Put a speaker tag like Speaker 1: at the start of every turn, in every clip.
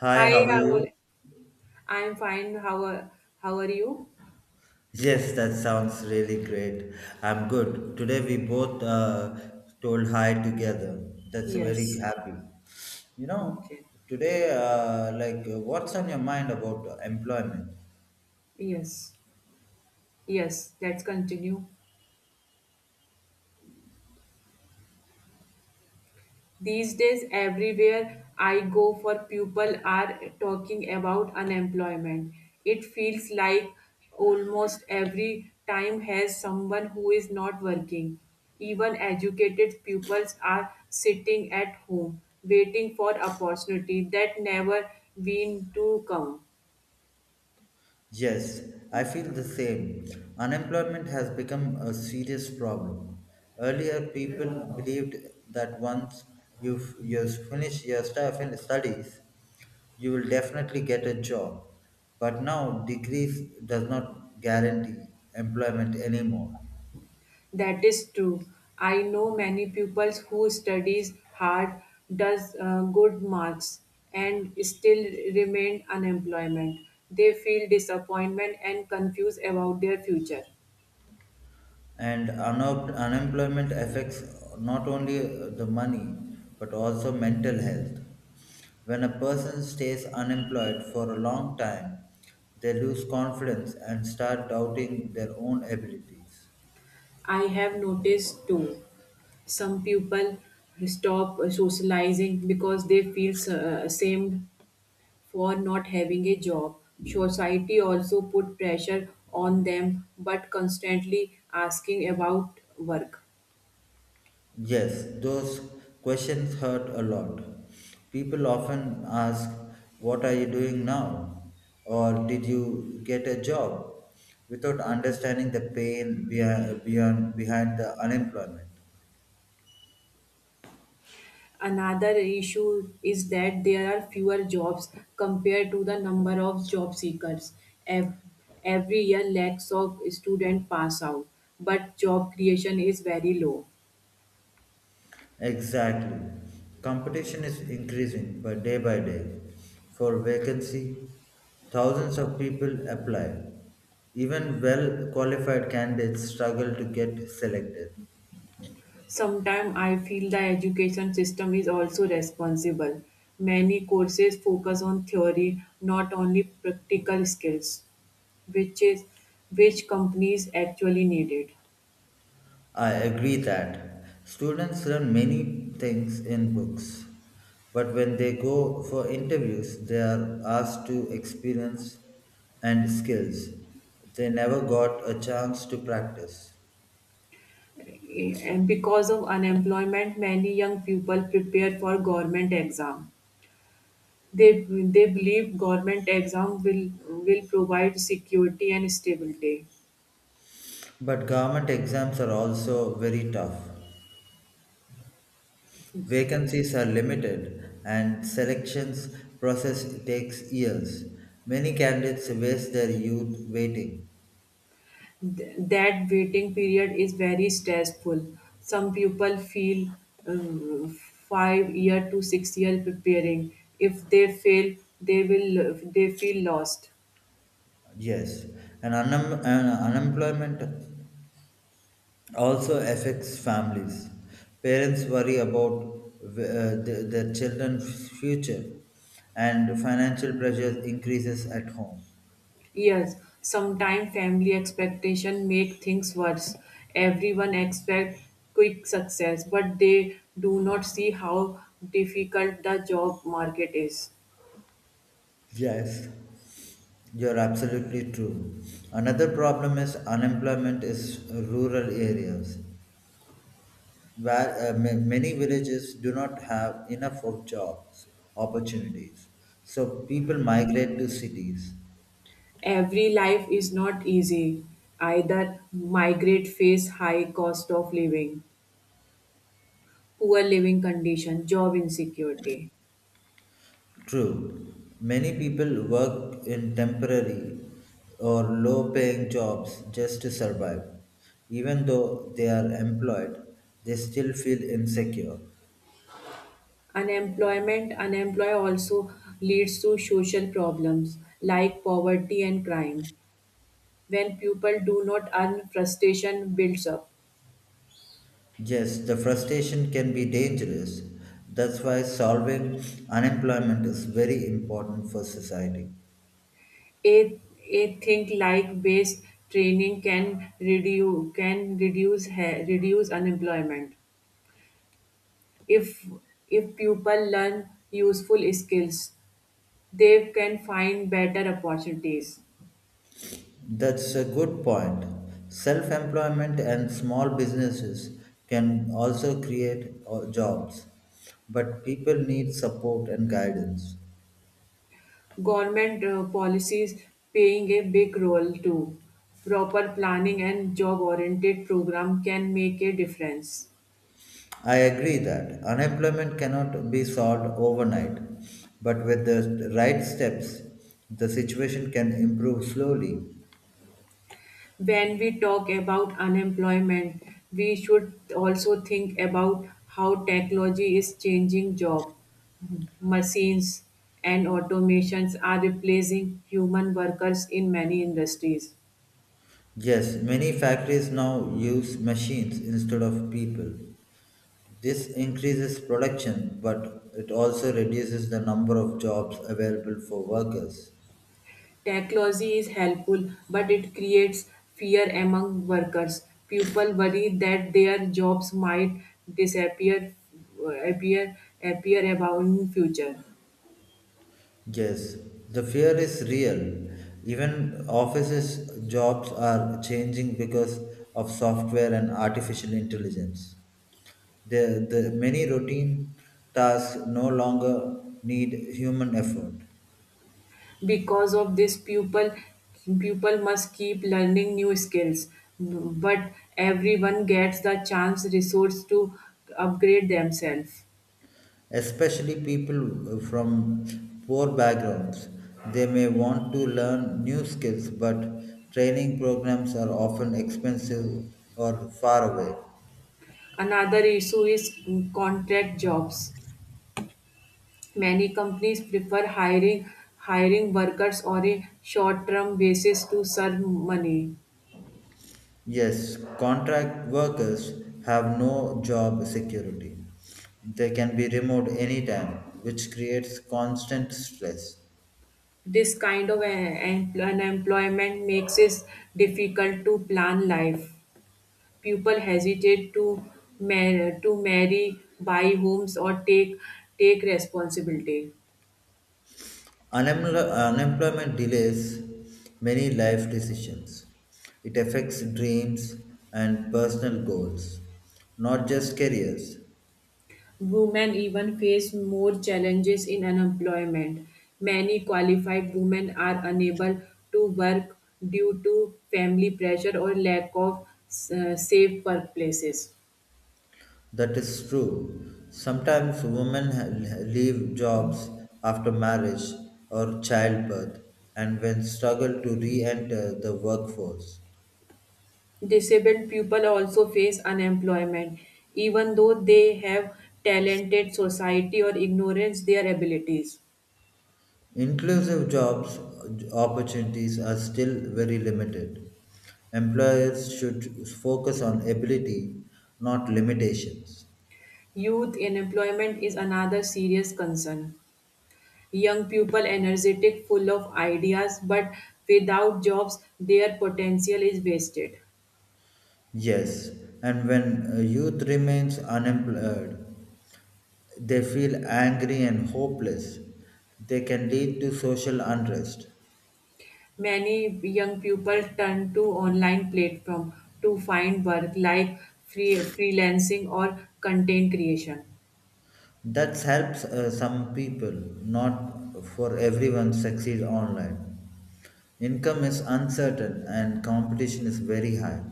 Speaker 1: Hi,
Speaker 2: Hi,
Speaker 1: how are
Speaker 2: how
Speaker 1: you?
Speaker 2: are, I'm fine. How are you?
Speaker 1: Yes, that sounds really great. I'm good. Today we both told hi together. That's very
Speaker 2: Yes.
Speaker 1: happy. You know,
Speaker 2: Okay.
Speaker 1: today, what's on your mind about employment?
Speaker 2: Yes. Yes, let's continue. These days, everywhere I go for people are talking about unemployment. It feels like almost every time has someone who is not working. Even educated pupils are sitting at home waiting for opportunity that never been to come.
Speaker 1: Yes, I feel the same. Unemployment has become a serious problem. Earlier, people believed that once you finish your stuff and studies, you will definitely get a job. But now, degrees does not guarantee employment anymore.
Speaker 2: That is true. I know many pupils who studies hard, does good marks, and still remain unemployment. They feel disappointment and confused about their future.
Speaker 1: Unemployment affects not only the money but also mental health. When a person stays unemployed for a long time, they lose confidence and start doubting their own abilities.
Speaker 2: I have noticed too. Some people stop socializing because they feel ashamed for not having a job. Society also put pressure on them, but constantly asking about work.
Speaker 1: Yes, those questions hurt a lot. People often ask, what are you doing now, or did you get a job, without understanding the pain behind the unemployment.
Speaker 2: Another issue is that there are fewer jobs compared to the number of job seekers. Ev- Every year, lakhs of students pass out, but job creation is very low.
Speaker 1: Exactly. Competition is increasing by day by day. For vacancy, thousands of people apply. Even well qualified candidates struggle to get selected.
Speaker 2: Sometimes I feel the education system is also responsible. Many courses focus on theory, not only practical skills, which is which companies actually needed.
Speaker 1: I agree that students learn many things in books, but when they go for interviews, they are asked to experience and skills they never got a chance to practice.
Speaker 2: And because of unemployment, many young people prepare for government exam. They they believe government exam will provide security and stability.
Speaker 1: But government exams are also very tough. Vacancies are limited and selections process takes years. Many candidates waste their youth waiting.
Speaker 2: That waiting period is very stressful. Some people feel um, 5 year to 6 year preparing. If they fail, they will they feel lost.
Speaker 1: Yes, and unemployment also affects families. Parents worry about their children's future, and financial pressure increases at home.
Speaker 2: Yes, sometimes family expectation make things worse. Everyone expect quick success, but they do not see how difficult the job market is.
Speaker 1: Yes, you're absolutely true. Another problem is unemployment is rural areas, where many villages do not have enough of jobs opportunities. So people migrate to cities.
Speaker 2: Every life is not easy. Either migrate face high cost of living, poor living condition, job insecurity.
Speaker 1: True, many people work in temporary or low paying jobs just to survive. Even though they are employed, they still feel insecure.
Speaker 2: Unemployment also leads to social problems like poverty and crime. When people do not earn, frustration builds up.
Speaker 1: Yes, the frustration can be dangerous. That's why solving unemployment is very important for society.
Speaker 2: A, a think like based training can reduce unemployment. If if people learn useful skills, they can find better opportunities.
Speaker 1: That's a good point. Self employment and small businesses can also create jobs, but people need support and guidance.
Speaker 2: Government policies playing a big role too. Proper planning and job oriented program can make a difference.
Speaker 1: I agree that unemployment cannot be solved overnight, but with the right steps, the situation can improve slowly.
Speaker 2: When we talk about unemployment, we should also think about how technology is changing jobs. Machines and automations are replacing human workers in many industries.
Speaker 1: Yes, many factories now use machines instead of people. This increases production, but it also reduces the number of jobs available for workers.
Speaker 2: Technology is helpful, but it creates fear among workers. People worry that their jobs might disappear, appear, appear about in future.
Speaker 1: Yes, the fear is real. Even offices' jobs are changing because of software and artificial intelligence. The many routine tasks no longer need human effort.
Speaker 2: Because of this pupil must keep learning new skills, but everyone gets the chance resource to upgrade themselves.
Speaker 1: Especially people from poor backgrounds, they may want to learn new skills, but training programs are often expensive or far away.
Speaker 2: Another issue is contract jobs. Many companies prefer hiring workers on a short term basis to serve money.
Speaker 1: Yes, contract workers have no job security. They can be removed anytime, which creates constant stress.
Speaker 2: This kind of unemployment makes it difficult to plan life. People hesitate to marry, buy homes, or take responsibility.
Speaker 1: Unemployment delays many life decisions. It affects dreams and personal goals, not just careers.
Speaker 2: Women even face more challenges in unemployment. Many qualified women are unable to work due to family pressure or lack of safe workplaces.
Speaker 1: That is true. Sometimes women leave jobs after marriage or childbirth, and when struggle to re enter the workforce.
Speaker 2: Disabled people also face unemployment, even though they have talented society or ignorance their abilities.
Speaker 1: Inclusive jobs opportunities are still very limited. Employers should focus on ability, not limitations.
Speaker 2: Youth unemployment is another serious concern. Young people energetic, full of ideas, but without jobs, their potential is wasted.
Speaker 1: Yes, and when youth remains unemployed, they feel angry and hopeless. They can lead to social unrest.
Speaker 2: Many young people turn to online platform to find work like freelancing or content creation.
Speaker 1: That helps some people, not for everyone succeed online. Income is uncertain and competition is very high.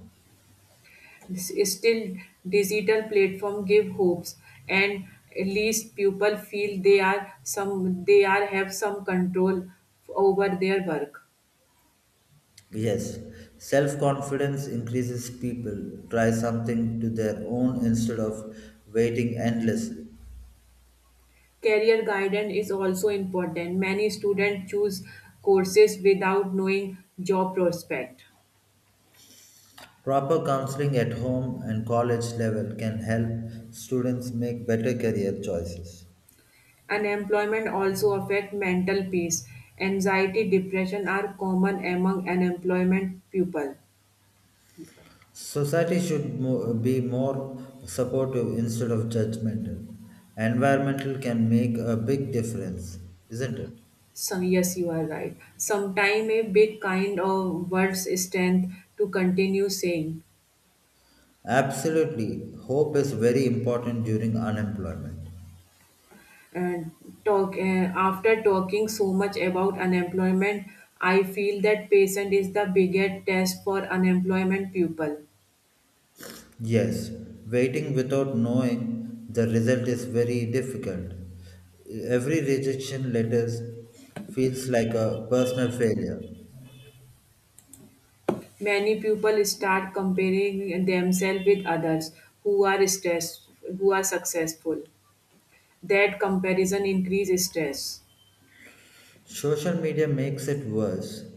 Speaker 2: Still, digital platform give hopes, and at least people feel they are have some control over their work.
Speaker 1: Yes, self confidence increases people try something to their own instead of waiting endlessly.
Speaker 2: Career guidance is also important. Many students choose courses without knowing job prospect.
Speaker 1: Proper counseling at home and college level can help students make better career choices.
Speaker 2: Unemployment also affect mental peace. Anxiety, depression are common among unemployment people.
Speaker 1: Society should be more supportive instead of judgmental. Environmental can make a big difference, isn't it?
Speaker 2: So, yes, you are right. Sometime a big kind of words strength to continue saying.
Speaker 1: Absolutely. Hope is very important during unemployment.
Speaker 2: And talk after talking so much about unemployment, I feel that patience is the biggest test for unemployment people.
Speaker 1: Yes, waiting without knowing the result is very difficult. Every rejection letter feels like a personal failure.
Speaker 2: Many people start comparing themselves with others who are stressed, who are successful. That comparison increases stress.
Speaker 1: Social media makes it worse.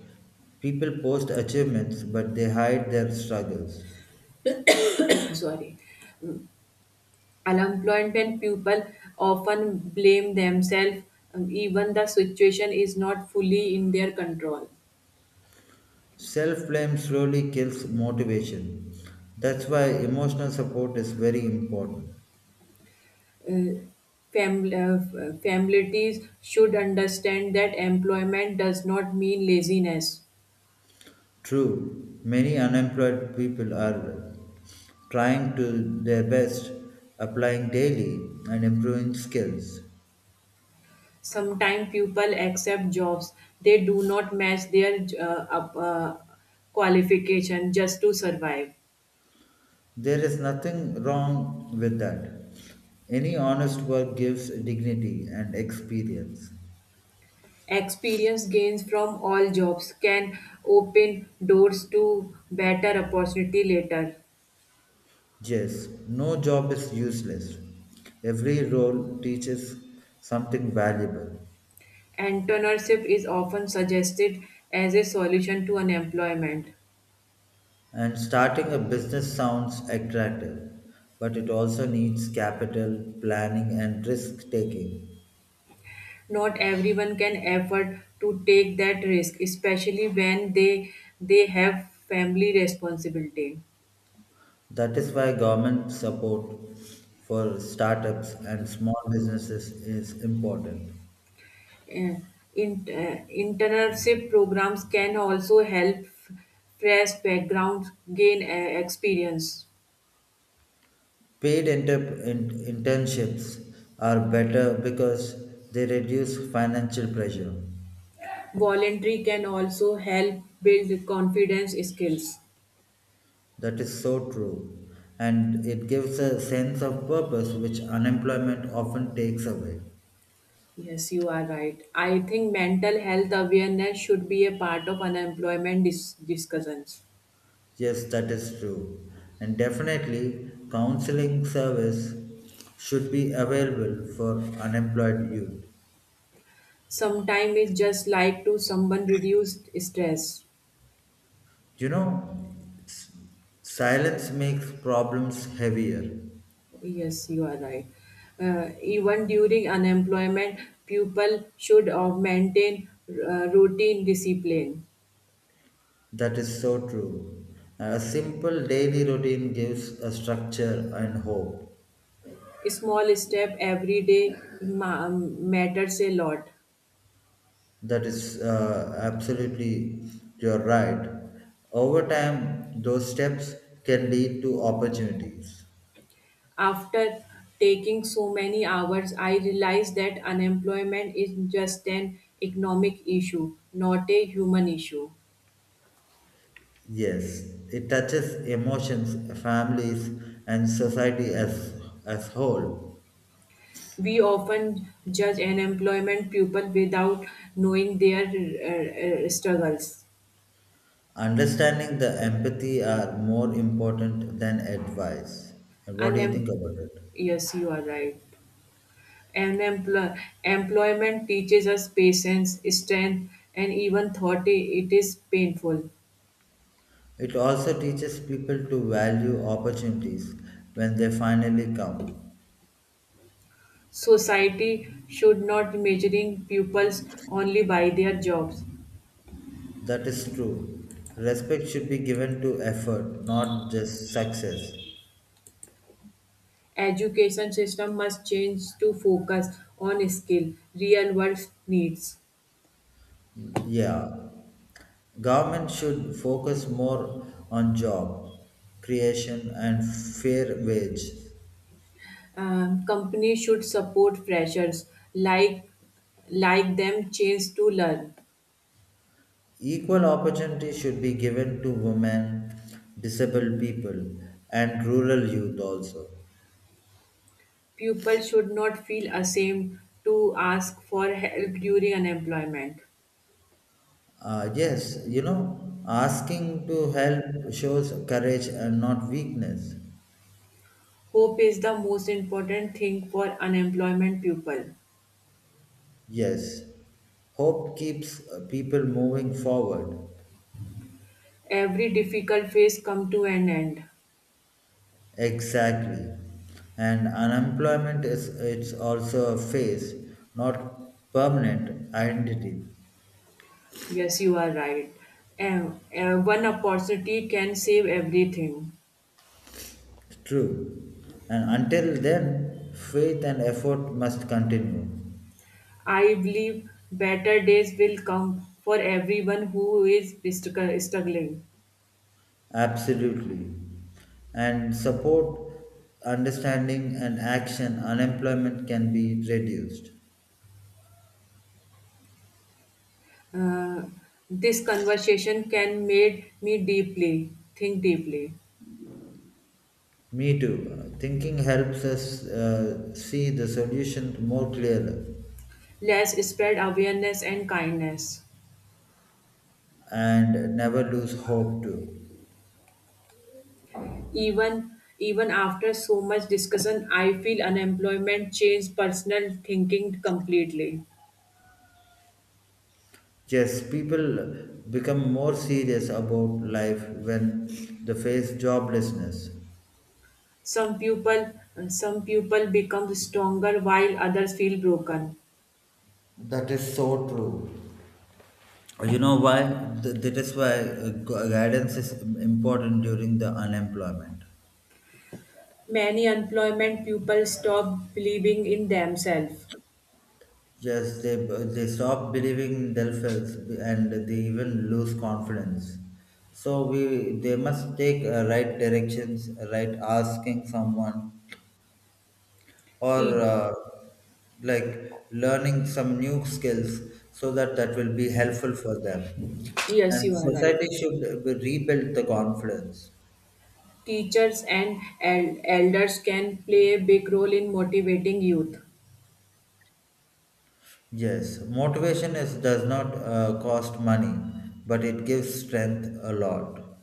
Speaker 1: People post achievements but they hide their struggles.
Speaker 2: Sorry. Unemployment people often blame themselves, even the situation is not fully in their control.
Speaker 1: Self blame slowly kills motivation. That's why emotional support is very important.
Speaker 2: Families should understand that employment does not mean laziness.
Speaker 1: True, many unemployed people are trying to their best, applying daily and improving skills.
Speaker 2: Sometimes people accept jobs they do not match their qualification just to survive.
Speaker 1: There is nothing wrong with that. Any honest work gives dignity and experience.
Speaker 2: Experience gains from all jobs can open doors to better opportunity later.
Speaker 1: Yes, no job is useless. Every role teaches something valuable.
Speaker 2: Entrepreneurship is often suggested as a solution to unemployment.
Speaker 1: And starting a business sounds attractive, but it also needs capital, planning, and risk taking.
Speaker 2: Not everyone can afford to take that risk, especially when they have family responsibility.
Speaker 1: That is why government support for startups and small businesses is important.
Speaker 2: uh, Internship programs can also help fresh backgrounds gain experience.
Speaker 1: Paid internships are better because they reduce financial pressure.
Speaker 2: Voluntary can also help build confidence skills.
Speaker 1: That is so true. And it gives a sense of purpose which unemployment often takes away.
Speaker 2: Yes, you are right. I think mental health awareness should be a part of unemployment discussions.
Speaker 1: Yes, that is true. And definitely, counseling service should be available for unemployed youth.
Speaker 2: Sometimes it's just like to someone reduced stress.
Speaker 1: You know, s- silence makes problems heavier.
Speaker 2: Yes, you are right. Even during unemployment, people should maintain routine discipline.
Speaker 1: That is so true. A simple daily routine gives a structure and hope.
Speaker 2: Small step every day matters a lot.
Speaker 1: That is absolutely, you're right. Over time, those steps can lead to opportunities.
Speaker 2: After taking so many hours, I realized that unemployment is just an economic issue, not a human issue.
Speaker 1: Yes, it touches emotions, families, and society as whole.
Speaker 2: We often judge unemployment people without knowing their struggles.
Speaker 1: Understanding the empathy are more important than advice. And what do you
Speaker 2: Unem-
Speaker 1: think about it?
Speaker 2: yes, you are right. And employment teaches us patience, strength, and even thought it is painful.
Speaker 1: It also teaches people to value opportunities when they finally come.
Speaker 2: Society should not measuring pupils only by their jobs.
Speaker 1: That is true. Respect should be given to effort, not just success.
Speaker 2: Education system must change to focus on skill, real world needs.
Speaker 1: Yeah. Government should focus more on job creation and fair wage.
Speaker 2: Companies should support freshers like like them chance to learn.
Speaker 1: Equal opportunity should be given to women, disabled people, and rural youth also.
Speaker 2: Pupils should not feel ashamed to ask for help during unemployment.
Speaker 1: Yes, you know, asking to help shows courage and not weakness.
Speaker 2: Hope is the most important thing for unemployment people.
Speaker 1: Yes, hope keeps people moving forward.
Speaker 2: Every difficult phase come to an end.
Speaker 1: Exactly. And unemployment is it's also a phase, not permanent identity.
Speaker 2: Yes, you are right. One opportunity can save everything.
Speaker 1: True. And until then, faith and effort must continue.
Speaker 2: I believe better days will come for everyone who is struggling.
Speaker 1: Absolutely. And support, understanding, and action, unemployment can be reduced.
Speaker 2: Uh, this conversation can made me deeply think deeply.
Speaker 1: Me too. Thinking helps us see the solution more clearly,
Speaker 2: Let's spread awareness and kindness.
Speaker 1: and never lose hope too.
Speaker 2: Even after so much discussion, I feel unemployment changed personal thinking completely.
Speaker 1: Yes, people become more serious about life when they face joblessness.
Speaker 2: Some people some people become stronger while others feel broken.
Speaker 1: That is so true. You know why? That is why guidance is important during the unemployment.
Speaker 2: Many unemployment people stop believing in themselves.
Speaker 1: Yes, they stop believing in themselves and they even lose confidence. So we they must take right directions, right asking someone or
Speaker 2: Te-
Speaker 1: like learning some new skills, so that that will be helpful for them.
Speaker 2: yes,
Speaker 1: And
Speaker 2: you are right.
Speaker 1: society should rebuild the confidence.
Speaker 2: Teachers and elders can play a big role in motivating youth.
Speaker 1: Yes, motivation is does not cost money, but it gives strength a lot.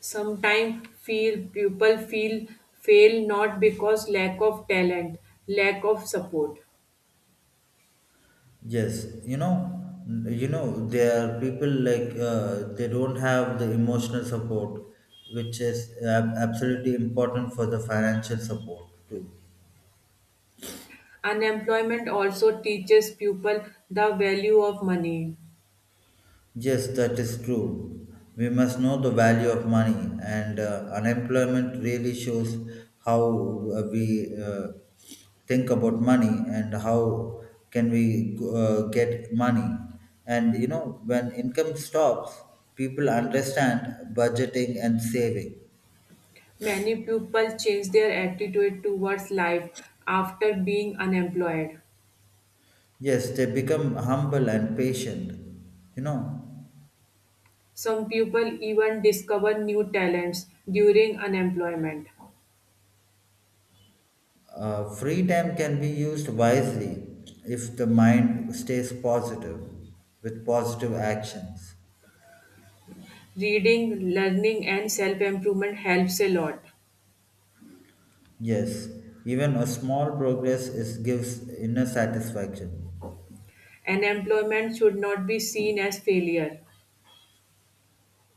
Speaker 2: Sometimes feel people feel fail not because lack of talent, lack of support.
Speaker 1: Yes, you know there are people like they don't have the emotional support, which is absolutely important for the financial support too.
Speaker 2: Unemployment also teaches people the value of money.
Speaker 1: Yes, that is true. We must know the value of money, and unemployment really shows how we think about money and how can we get money. And you know, when income stops, people understand budgeting and saving.
Speaker 2: Many people change their attitude towards life after being unemployed.
Speaker 1: Yes, they become humble and patient. You know,
Speaker 2: Some people even discover new talents during unemployment.
Speaker 1: Free time can be used wisely if the mind stays positive with positive actions.
Speaker 2: Reading, learning, and self improvement helps a lot.
Speaker 1: Yes, even a small progress is gives inner satisfaction.
Speaker 2: Unemployment should not be seen as failure.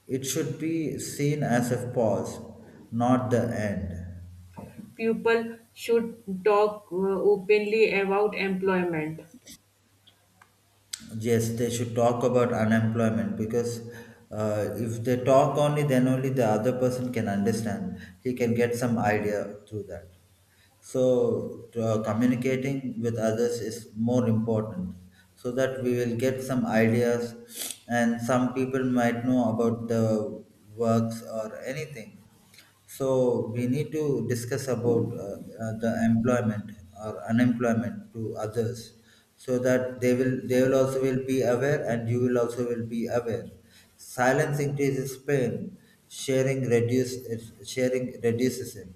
Speaker 1: It should be seen as a pause, not the end.
Speaker 2: People should talk openly about employment.
Speaker 1: Yes, they should talk about unemployment because if they talk only, then only the other person can understand. He can get some idea through that. So communicating with others is more important, so that we will get some ideas and some people might know about the works or anything. So we need to discuss about the employment or unemployment to others, so that they will also will be aware, and you will also will be aware. Silence increases pain, sharing reduce sharing reduces it.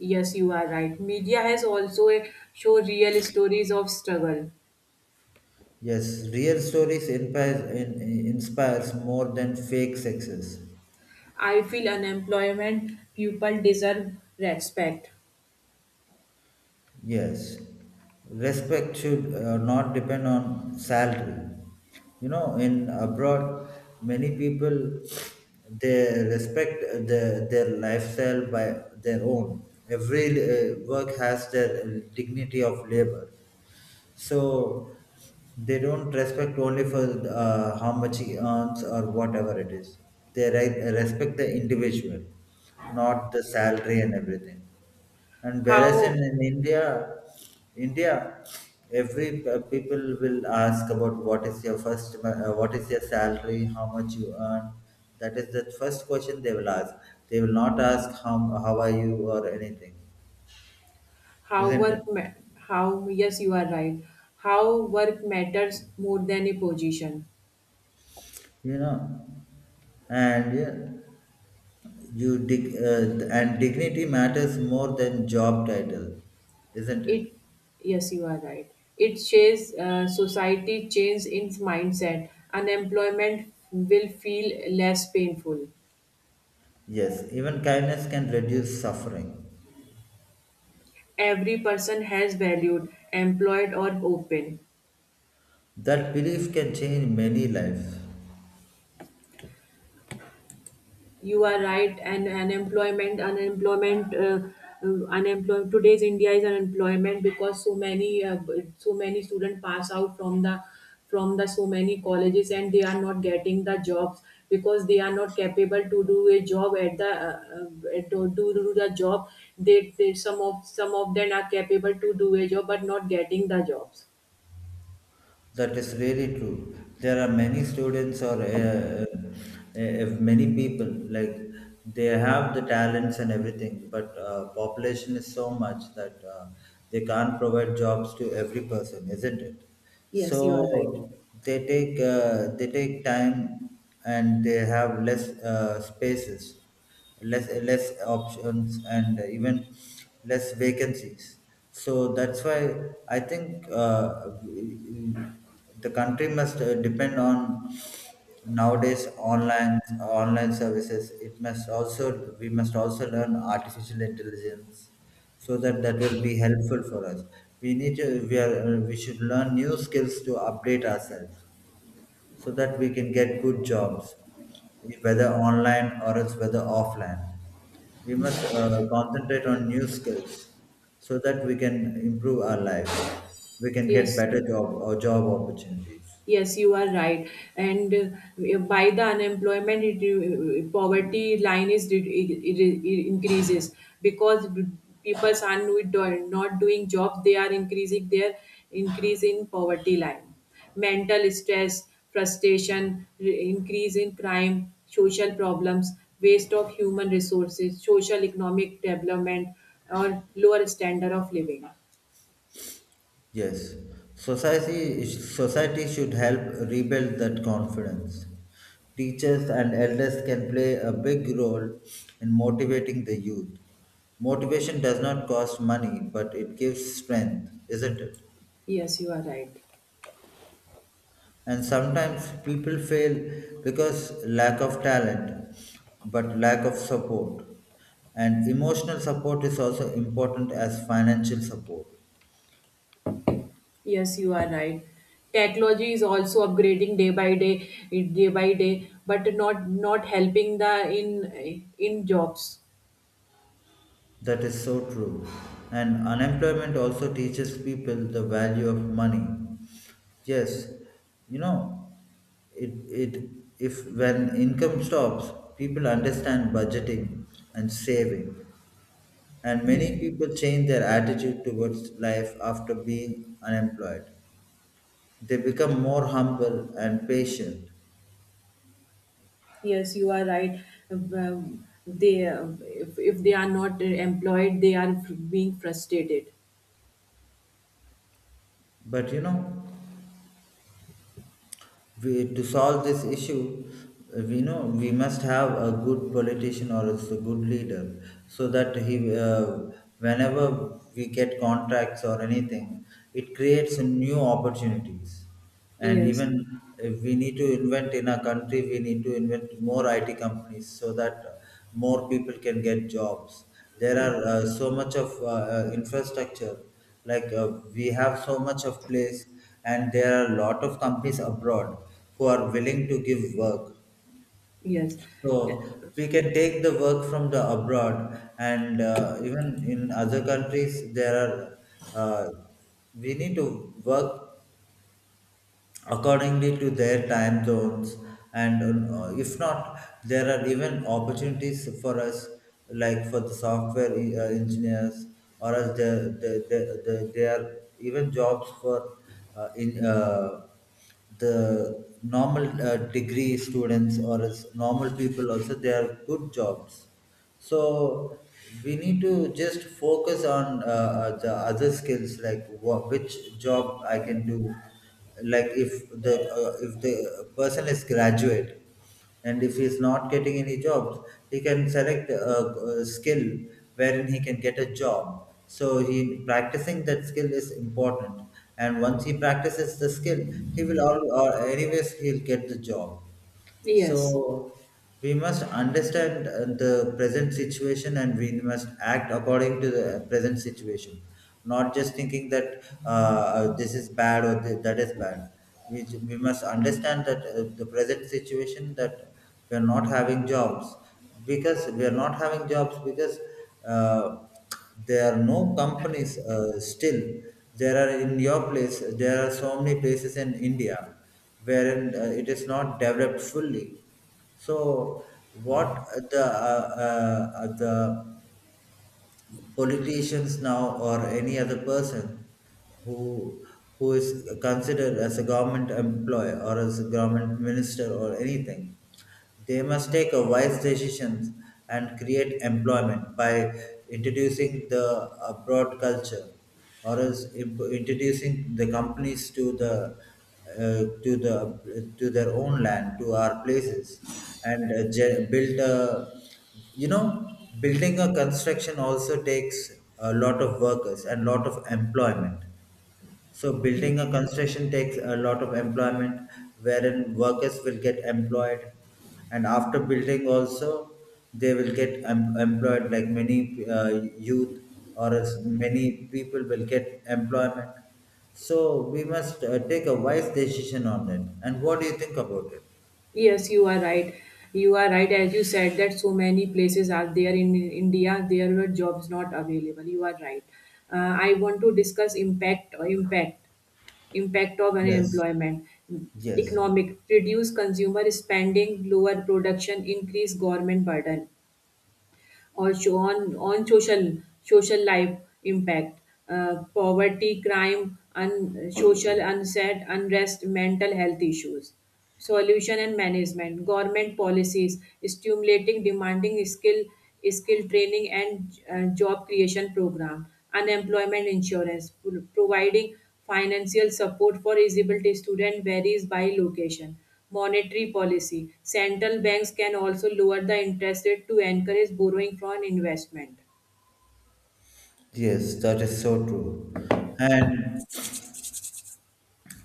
Speaker 2: Yes, you are right. Media has also show real stories of struggle.
Speaker 1: Yes, real stories inspires more than fake success.
Speaker 2: I feel unemployment people deserve respect.
Speaker 1: Yes, respect should not depend on salary. You know, in abroad, many people they respect their lifestyle by their own. Every work has their dignity of labor. So they don't respect only for how much he earns or whatever it is. They respect the individual, not the salary and everything. And whereas in,
Speaker 2: How
Speaker 1: in India, India, every people will ask about what is your first, what is your salary, how much you earn. That is the first question they will ask. They will not ask how are you or anything,
Speaker 2: how
Speaker 1: isn't
Speaker 2: work
Speaker 1: it?
Speaker 2: ma- how yes, you are right. How work matters more than a position.
Speaker 1: You know, and yeah. You dig, and dignity matters more than job title, isn't it?
Speaker 2: It Yes, you are right. It shows society change in mindset. Unemployment will feel less painful.
Speaker 1: Yes, even kindness can reduce suffering.
Speaker 2: Every person has valued, employed or open.
Speaker 1: That belief can change many lives.
Speaker 2: You are right. And unemployment today's India is unemployment because so many students pass out from the so many colleges, and they are not getting the jobs because they are not capable to do a job at the do the job. They some of them are capable to do a job but not getting the jobs.
Speaker 1: That is really true. There are many students or many people like they have the talents and everything, but population is so much that they can't provide jobs to every person, isn't it?
Speaker 2: Yes, you are right.
Speaker 1: So they take time, and they have less spaces, less options, and even less vacancies. So that's why I think the country must depend on nowadays online online services. It must also we must also learn artificial intelligence, so that that will be helpful for us. We need to we are we should learn new skills to update ourselves, so that we can get good jobs, whether online or else whether offline. We must concentrate on new skills, so that we can improve our lives. We can get
Speaker 2: Yes,
Speaker 1: better job or job opportunities.
Speaker 2: yes, you are right. And by the unemployment, poverty line it increases because people are not doing jobs. They are increasing their increase in poverty line, mental stress, frustration, increase in crime, social problems, waste of human resources, social economic development, or lower standard of living.
Speaker 1: Yes, society should help rebuild that confidence. Teachers and elders can play a big role in motivating the youth. Motivation does not cost money, but it gives strength, isn't it?
Speaker 2: Yes, you are right.
Speaker 1: And sometimes people fail because lack of talent but lack of support, and emotional support is also important as financial support.
Speaker 2: Yes, you are right. Technology is also upgrading day by day, but not helping the in jobs.
Speaker 1: That is so true. And unemployment also teaches people the value of money. Yes, you know it it if when income stops, people understand budgeting and saving. And many
Speaker 2: Yes,
Speaker 1: people change their attitude towards life after being unemployed. They become more humble and patient.
Speaker 2: yes, you are right. They If they are not employed, they are being frustrated.
Speaker 1: But you know, we, to solve this issue, we know we must have a good politician or else a good leader so that he, whenever we get contracts or anything, it creates new opportunities. And even
Speaker 2: Yes,
Speaker 1: if we need to invent in our country, we need to invent more IT companies so that more people can get jobs. There
Speaker 2: yes,
Speaker 1: are so much of infrastructure. Like, we have so much of place, and there are a lot of companies abroad who are willing to give work.
Speaker 2: yes,
Speaker 1: So we can take the work from the abroad. And even in other countries there are uh, we need to work accordingly to their time zones. And if not, there are even opportunities for us, like for the software engineers, or as there are even jobs for in the normal degree students, or as normal people also, they are good jobs. So we need to just focus on the other skills like wha which job I can do. Like, if the uh, if the person is graduate and if he's not getting any jobs, he can select a skill wherein he can get a job. So he practicing that skill is important, and once he practices the skill, he will all, or anyways he'll get the job.
Speaker 2: yes,
Speaker 1: So we must understand the present situation, and we must act according to the present situation, not just thinking that this is bad or that is bad. We must understand that the present situation, that we are not having jobs because uh, there are no companies still. There are in your place, there are so many places in India wherein it is not developed fully. So, what the politicians now, or any other person who who is considered as a government employee or as a government minister or anything, they must take a wise decisions and create employment by introducing the abroad culture, or else introducing the companies to the to their own land, to our places. And build a, you know, building a construction also takes a lot of workers and lot of employment. So
Speaker 2: yes.
Speaker 1: building a construction takes a lot of employment, wherein workers will get employed. And after building also, they will get employed, like many youth or as many people will get employment. So we must take a wise decision on it. And what do you think about it?
Speaker 2: Yes, you are right. You are right, as you said, that so many places are there in India, there were jobs not available. You are right. I want to discuss impact of
Speaker 1: Yes,
Speaker 2: unemployment,
Speaker 1: yes,
Speaker 2: economic, reduce consumer spending, lower production, increase government burden, also on social social life impact, poverty, crime, social unrest, mental health issues, solution and management, government policies, stimulating demanding skill training, and job creation program, unemployment insurance, providing financial support for disability student varies by location. Monetary policy. Central banks can also lower the interest rate to encourage borrowing from investment.
Speaker 1: yes, that is so true. And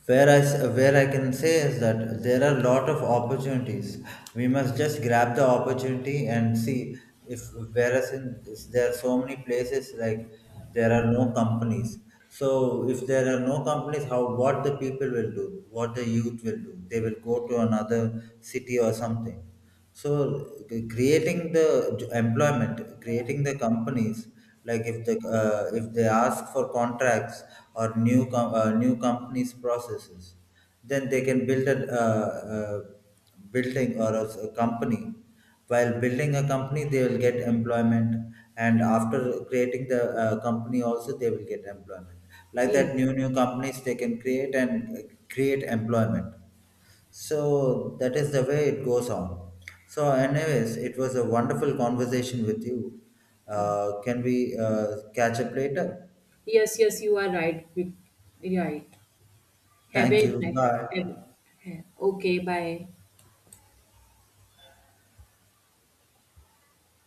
Speaker 1: Where I can say is that there are a lot of opportunities. We must just grab the opportunity and see if there are so many places like there are no companies. So if there are no companies, how, what the people will do, what the youth will do, they will go to another city or something. So creating the employment, creating the companies, like if the if they ask for contracts or new companies processes, then they can build a uh, building or a, a company. While building a company, they will get employment, and after creating the company, also they will get employment. Like that,
Speaker 2: Yes.
Speaker 1: new new companies they can create and create employment, so that is the way it goes on. So, anyways, it was a wonderful conversation with you.
Speaker 2: Yeah.
Speaker 1: Can we catch up later?
Speaker 2: Yes, yes, you are right. Right. Have
Speaker 1: Thank
Speaker 2: a
Speaker 1: you.
Speaker 2: have,
Speaker 1: Bye.
Speaker 2: have, Okay, bye.